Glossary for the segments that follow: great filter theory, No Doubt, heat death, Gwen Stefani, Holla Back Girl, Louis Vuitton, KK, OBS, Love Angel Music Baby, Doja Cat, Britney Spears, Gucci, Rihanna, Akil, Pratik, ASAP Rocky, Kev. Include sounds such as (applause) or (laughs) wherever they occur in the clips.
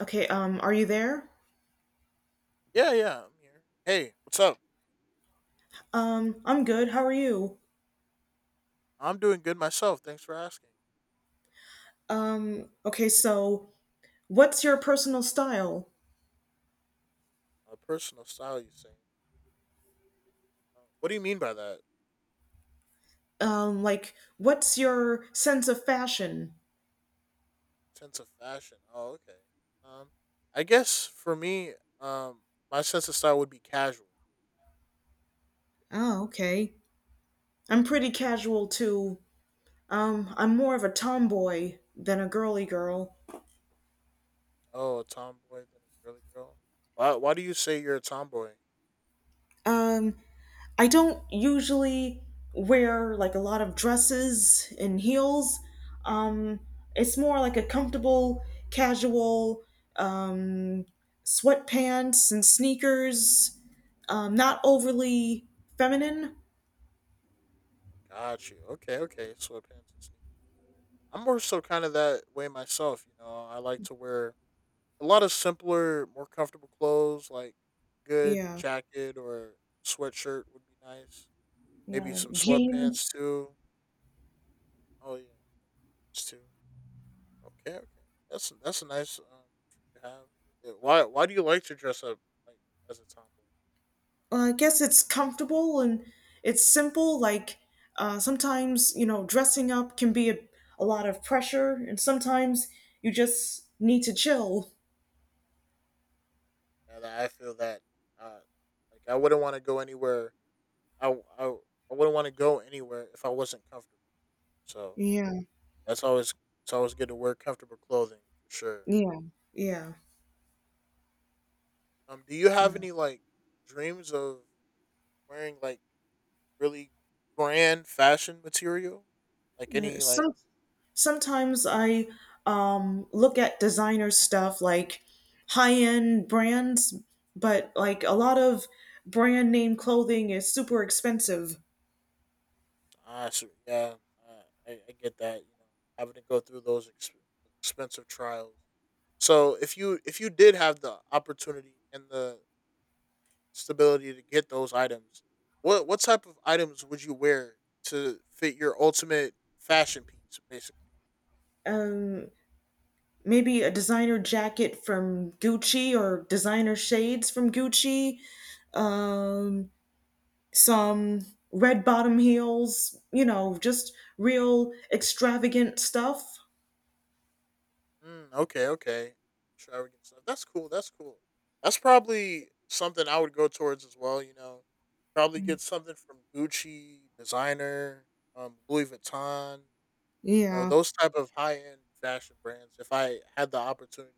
Okay, are you there? Yeah, yeah, I'm here. Hey, what's up? I'm good. How are you? I'm doing good myself. Thanks for asking. Okay, so what's your personal style? A personal style, you say? What do you mean by that? Like, what's your sense of fashion? Sense of fashion? Oh, okay. Um, I guess for me, um, my sense of style would be casual. Oh, okay. I'm pretty casual too. I'm more of a tomboy than a girly girl. Oh, a tomboy than a girly girl. Why? Why do you say you're a tomboy? Um, I don't usually wear like a lot of dresses and heels. Um, it's more like a comfortable, casual um, sweatpants and sneakers. Not overly feminine. Got you. Okay, okay. Sweatpants and sneakers. I'm more so kind of that way myself. You know, I like to wear a lot of simpler, more comfortable clothes, like good Yeah, jacket or sweatshirt would be nice. yeah, Maybe or some jeans. sweatpants too. Oh yeah, it's too. Okay, okay. That's a nice for you to have. Yeah, why do you like to dress up like as a tomboy? Well, I guess it's comfortable and it's simple. Like sometimes dressing up can be a lot of pressure, and sometimes you just need to chill. And I feel that uh like I wouldn't want to go anywhere. I w- I w- I wouldn't want to go anywhere if I wasn't comfortable. So Yeah. that's always it's always good to wear comfortable clothing for sure. Yeah. Yeah. Do you have Yeah. any like dreams of wearing like really brand fashion material, like Uh, any like Some sometimes I look at designer stuff like high-end brands, but like a lot of brand name clothing is super expensive. ah so, yeah, I get that, you know, having to go through those expensive trials. So if you did have the opportunity and the stability to get those items, what type of items would you wear to fit your ultimate fashion piece, basically? Um Maybe a designer jacket from Gucci or designer shades from Gucci, um some red bottom heels, you know, just real extravagant stuff. Mm, okay, okay. Extravagant stuff. That's cool. That's cool. That's probably something I would go towards as well. You know, probably get something from Gucci, designer, Louis Vuitton. You know, Yeah. those type of high end fashion brands. If I had the opportunity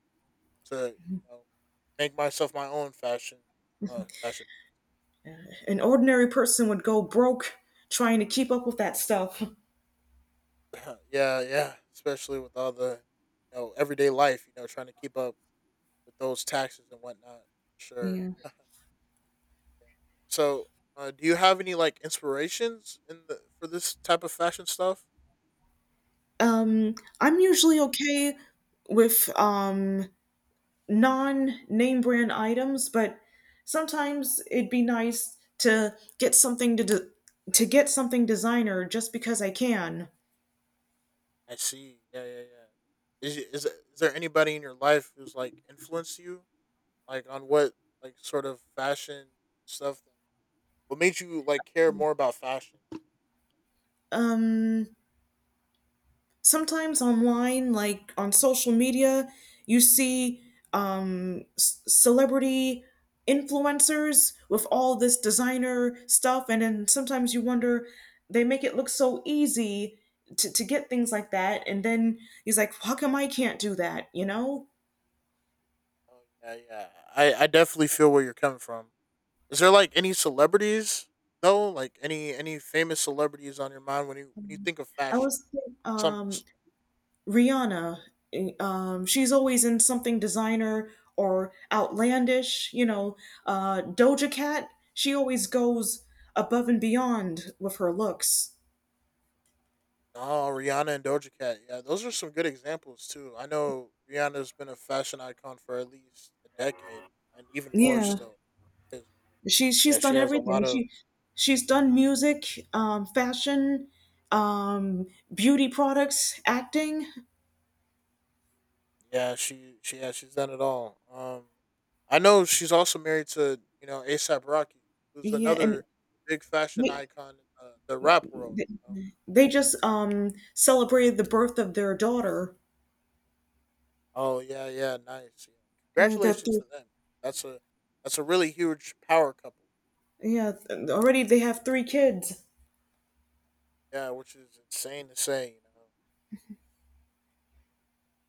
to, you know, make myself my own fashion, fashion. An ordinary person would go broke trying to keep up with that stuff. (laughs) Yeah, yeah. Especially with all the, you know, everyday life. You know, trying to keep up with those taxes and whatnot. Sure. Yeah. (laughs) Yeah. So, do you have any like inspirations in the for this type of fashion stuff? I'm usually okay with non name brand items, but sometimes it'd be nice to get something to get something designer just because I can. I see. Yeah, yeah, yeah. Is there anybody in your life who's like influenced you, like on what like sort of fashion stuff? That, what made you like care more about fashion? Um, Sometimes online, like on social media, you see celebrity influencers with all this designer stuff, and then sometimes you wonder they make it look so easy to get things like that, and then he's like, "How come I can't do that?" You know. Oh yeah, yeah. I definitely feel where you're coming from. Is there like any celebrities though? Like any famous celebrities on your mind when you think of I fashion? was Some. um, Rihanna, she's always in something designer or outlandish. You know, Doja Cat, she always goes above and beyond with her looks. Oh, Rihanna and Doja Cat. Yeah, those are some good examples too. I know Rihanna's been a fashion icon for at least a decade, and even more Yeah, still. 'Cause, she's yeah, she done has a everything. lot of. She's done music, fashion, um, beauty products, acting. Yeah, she's done it all. I know she's also married to, you know, ASAP Rocky, who's Yeah, and another big fashion they icon in the rap world, you know. they just celebrated the birth of their daughter. Oh yeah, yeah, nice. Yeah. Uh, they're Congratulations th- to them. That's a that's a really huge power couple. yeah, already they have three kids. Yeah, which is insane to say. You know.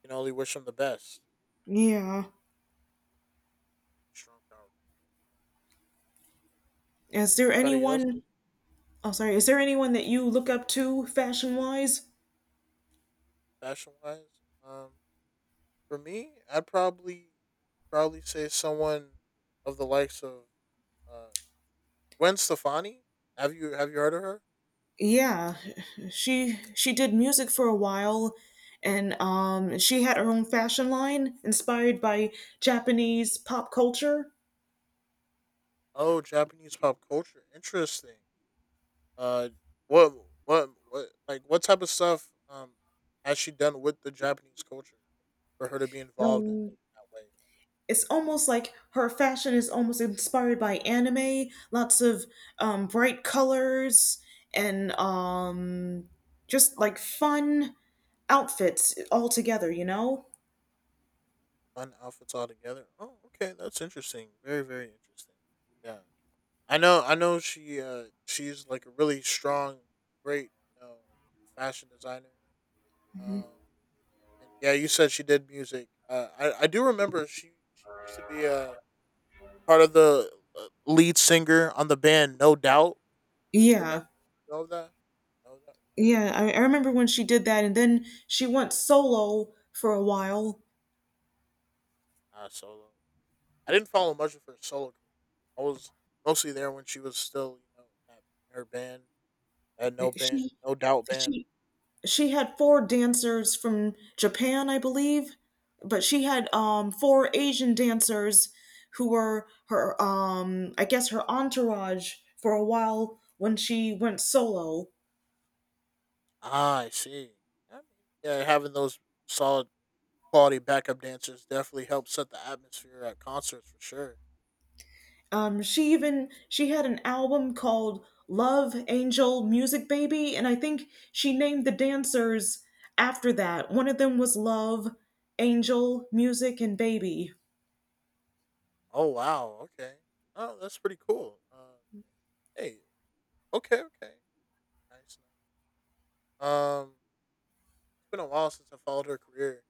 Can only wish him the best. Yeah. Strong power. Is there Anybody else anyone? Oh, sorry. Is there anyone that you look up to fashion-wise? fashion wise? For me, I'd probably say someone of the likes of uh, Gwen Stefani. Have you heard of her? Yeah, she did music for a while, and she had her own fashion line inspired by Japanese pop culture. Oh, Japanese pop culture. Interesting. Uh, what what like what type of stuff has she done with the Japanese culture for her to be involved in Um, that way? it's almost like her fashion is almost inspired by anime. Lots of bright colors and just like fun outfits all together. You know? Fun outfits altogether. Oh, okay, that's interesting. Very very interesting. Yeah. I know, I know. She's like a really strong, great, you know, fashion designer. Um, and yeah, you said she did music. I do remember she used to be part of the lead singer on the band No Doubt. You Yeah. remember? Know that? No Doubt. Yeah, Yeah, I remember when she did that, and then she went solo for a while. yeah. Solo. I didn't follow much of her solo career. I was mostly there when she was still, you know, in her band, She No Doubt band. she she had four dancers from Japan, I believe, but she had four Asian dancers who were her I guess her entourage for a while when she went solo. Ah, I see. I mean, yeah, having those solid quality backup dancers definitely help set the atmosphere at concerts for sure. She even she had an album called Love Angel Music Baby, and I think she named the dancers after that. One of them was Love Angel Music and Baby. Oh wow, okay. Oh, that's pretty cool. Hey, okay, okay, nice, nice. Um, it's been a while since I followed her career.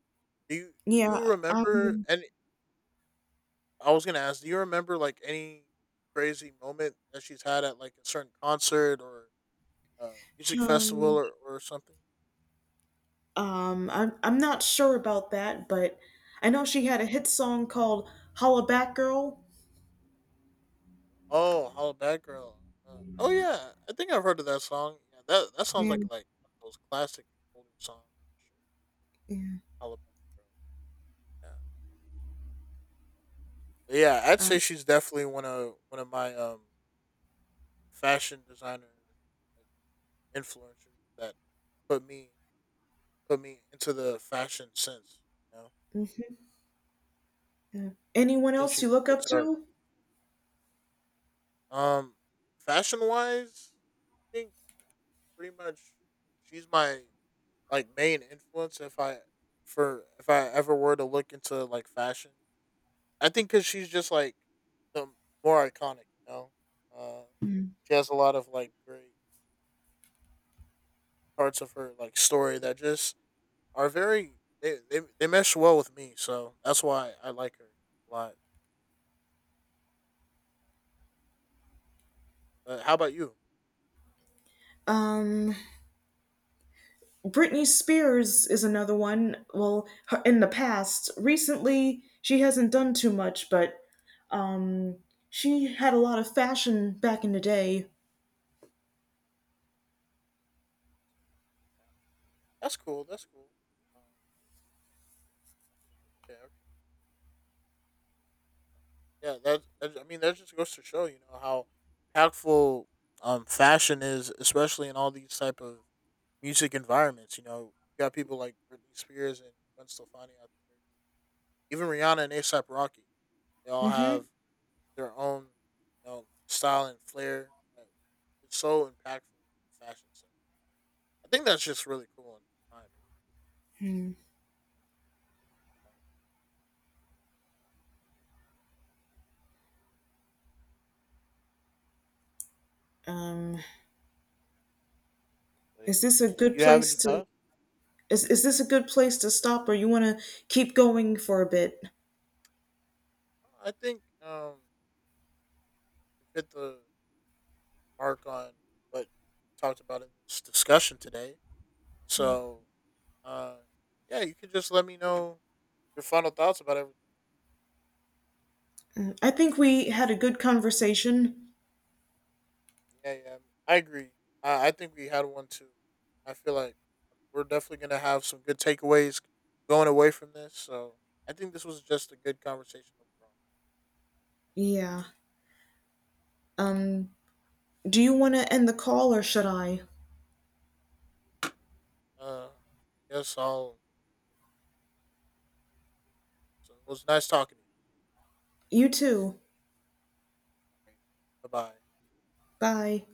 Do you Yeah, remember? I'm And I was gonna ask, do you remember like any crazy moment that she's had at like a certain concert or music festival um, or something? I'm not sure about that, but I know she had a hit song called "Holla Back Girl." Oh, Holla Bad Girl. Uh, oh yeah, I think I've heard of that song. Yeah, that sounds Yeah, like one of those classic older songs. yeah. Alabama Girl. Yeah. Yeah, I'd say Um, she's definitely one of my fashion designer like influencers that put me put me into the fashion sense. You know, I mhm, yeah. Anyone think else she's you a look great up start. to? Um, fashion wise, I think pretty much she's my like main influence. If I ever were to look into like fashion, I think because she's just like the more iconic. You know, uh, she has a lot of like great parts of her like story that just are very they mesh well with me. So that's why I like her a lot. But how about you? Um, Britney Spears is another one. Well, her, in the past, recently she hasn't done too much, but um, she had a lot of fashion back in the day. That's cool. That's cool. Um, yeah. Okay. Yeah. That, that. I mean, that just goes to show, you know, how impactful fashion is, especially in all these type of music environments. You know, you got people like Britney Spears and Gwen Stefani out there, even Rihanna and ASAP Rocky. They all have hmm their own, you know, style and flair. That It's so impactful in fashion sense. I think that's just really cool in my Um, opinion. So yeah. is this a Yeah, good you have place any to? thoughts? Is this a good place to stop, or you want to keep going for a bit? I think we've hit the mark on what we talked about in this discussion today. So, uh, yeah, you can just let me know your final thoughts about everything. I think we had a good conversation. Yeah, yeah, I agree. I think we had one too. I feel like we're definitely gonna have some good takeaways going away from this. So I think this was just a good conversation Yeah. Um, do you want to end the call, or should I? overall. Yes, all. So it was nice talking to You too. you. Bye bye. Bye.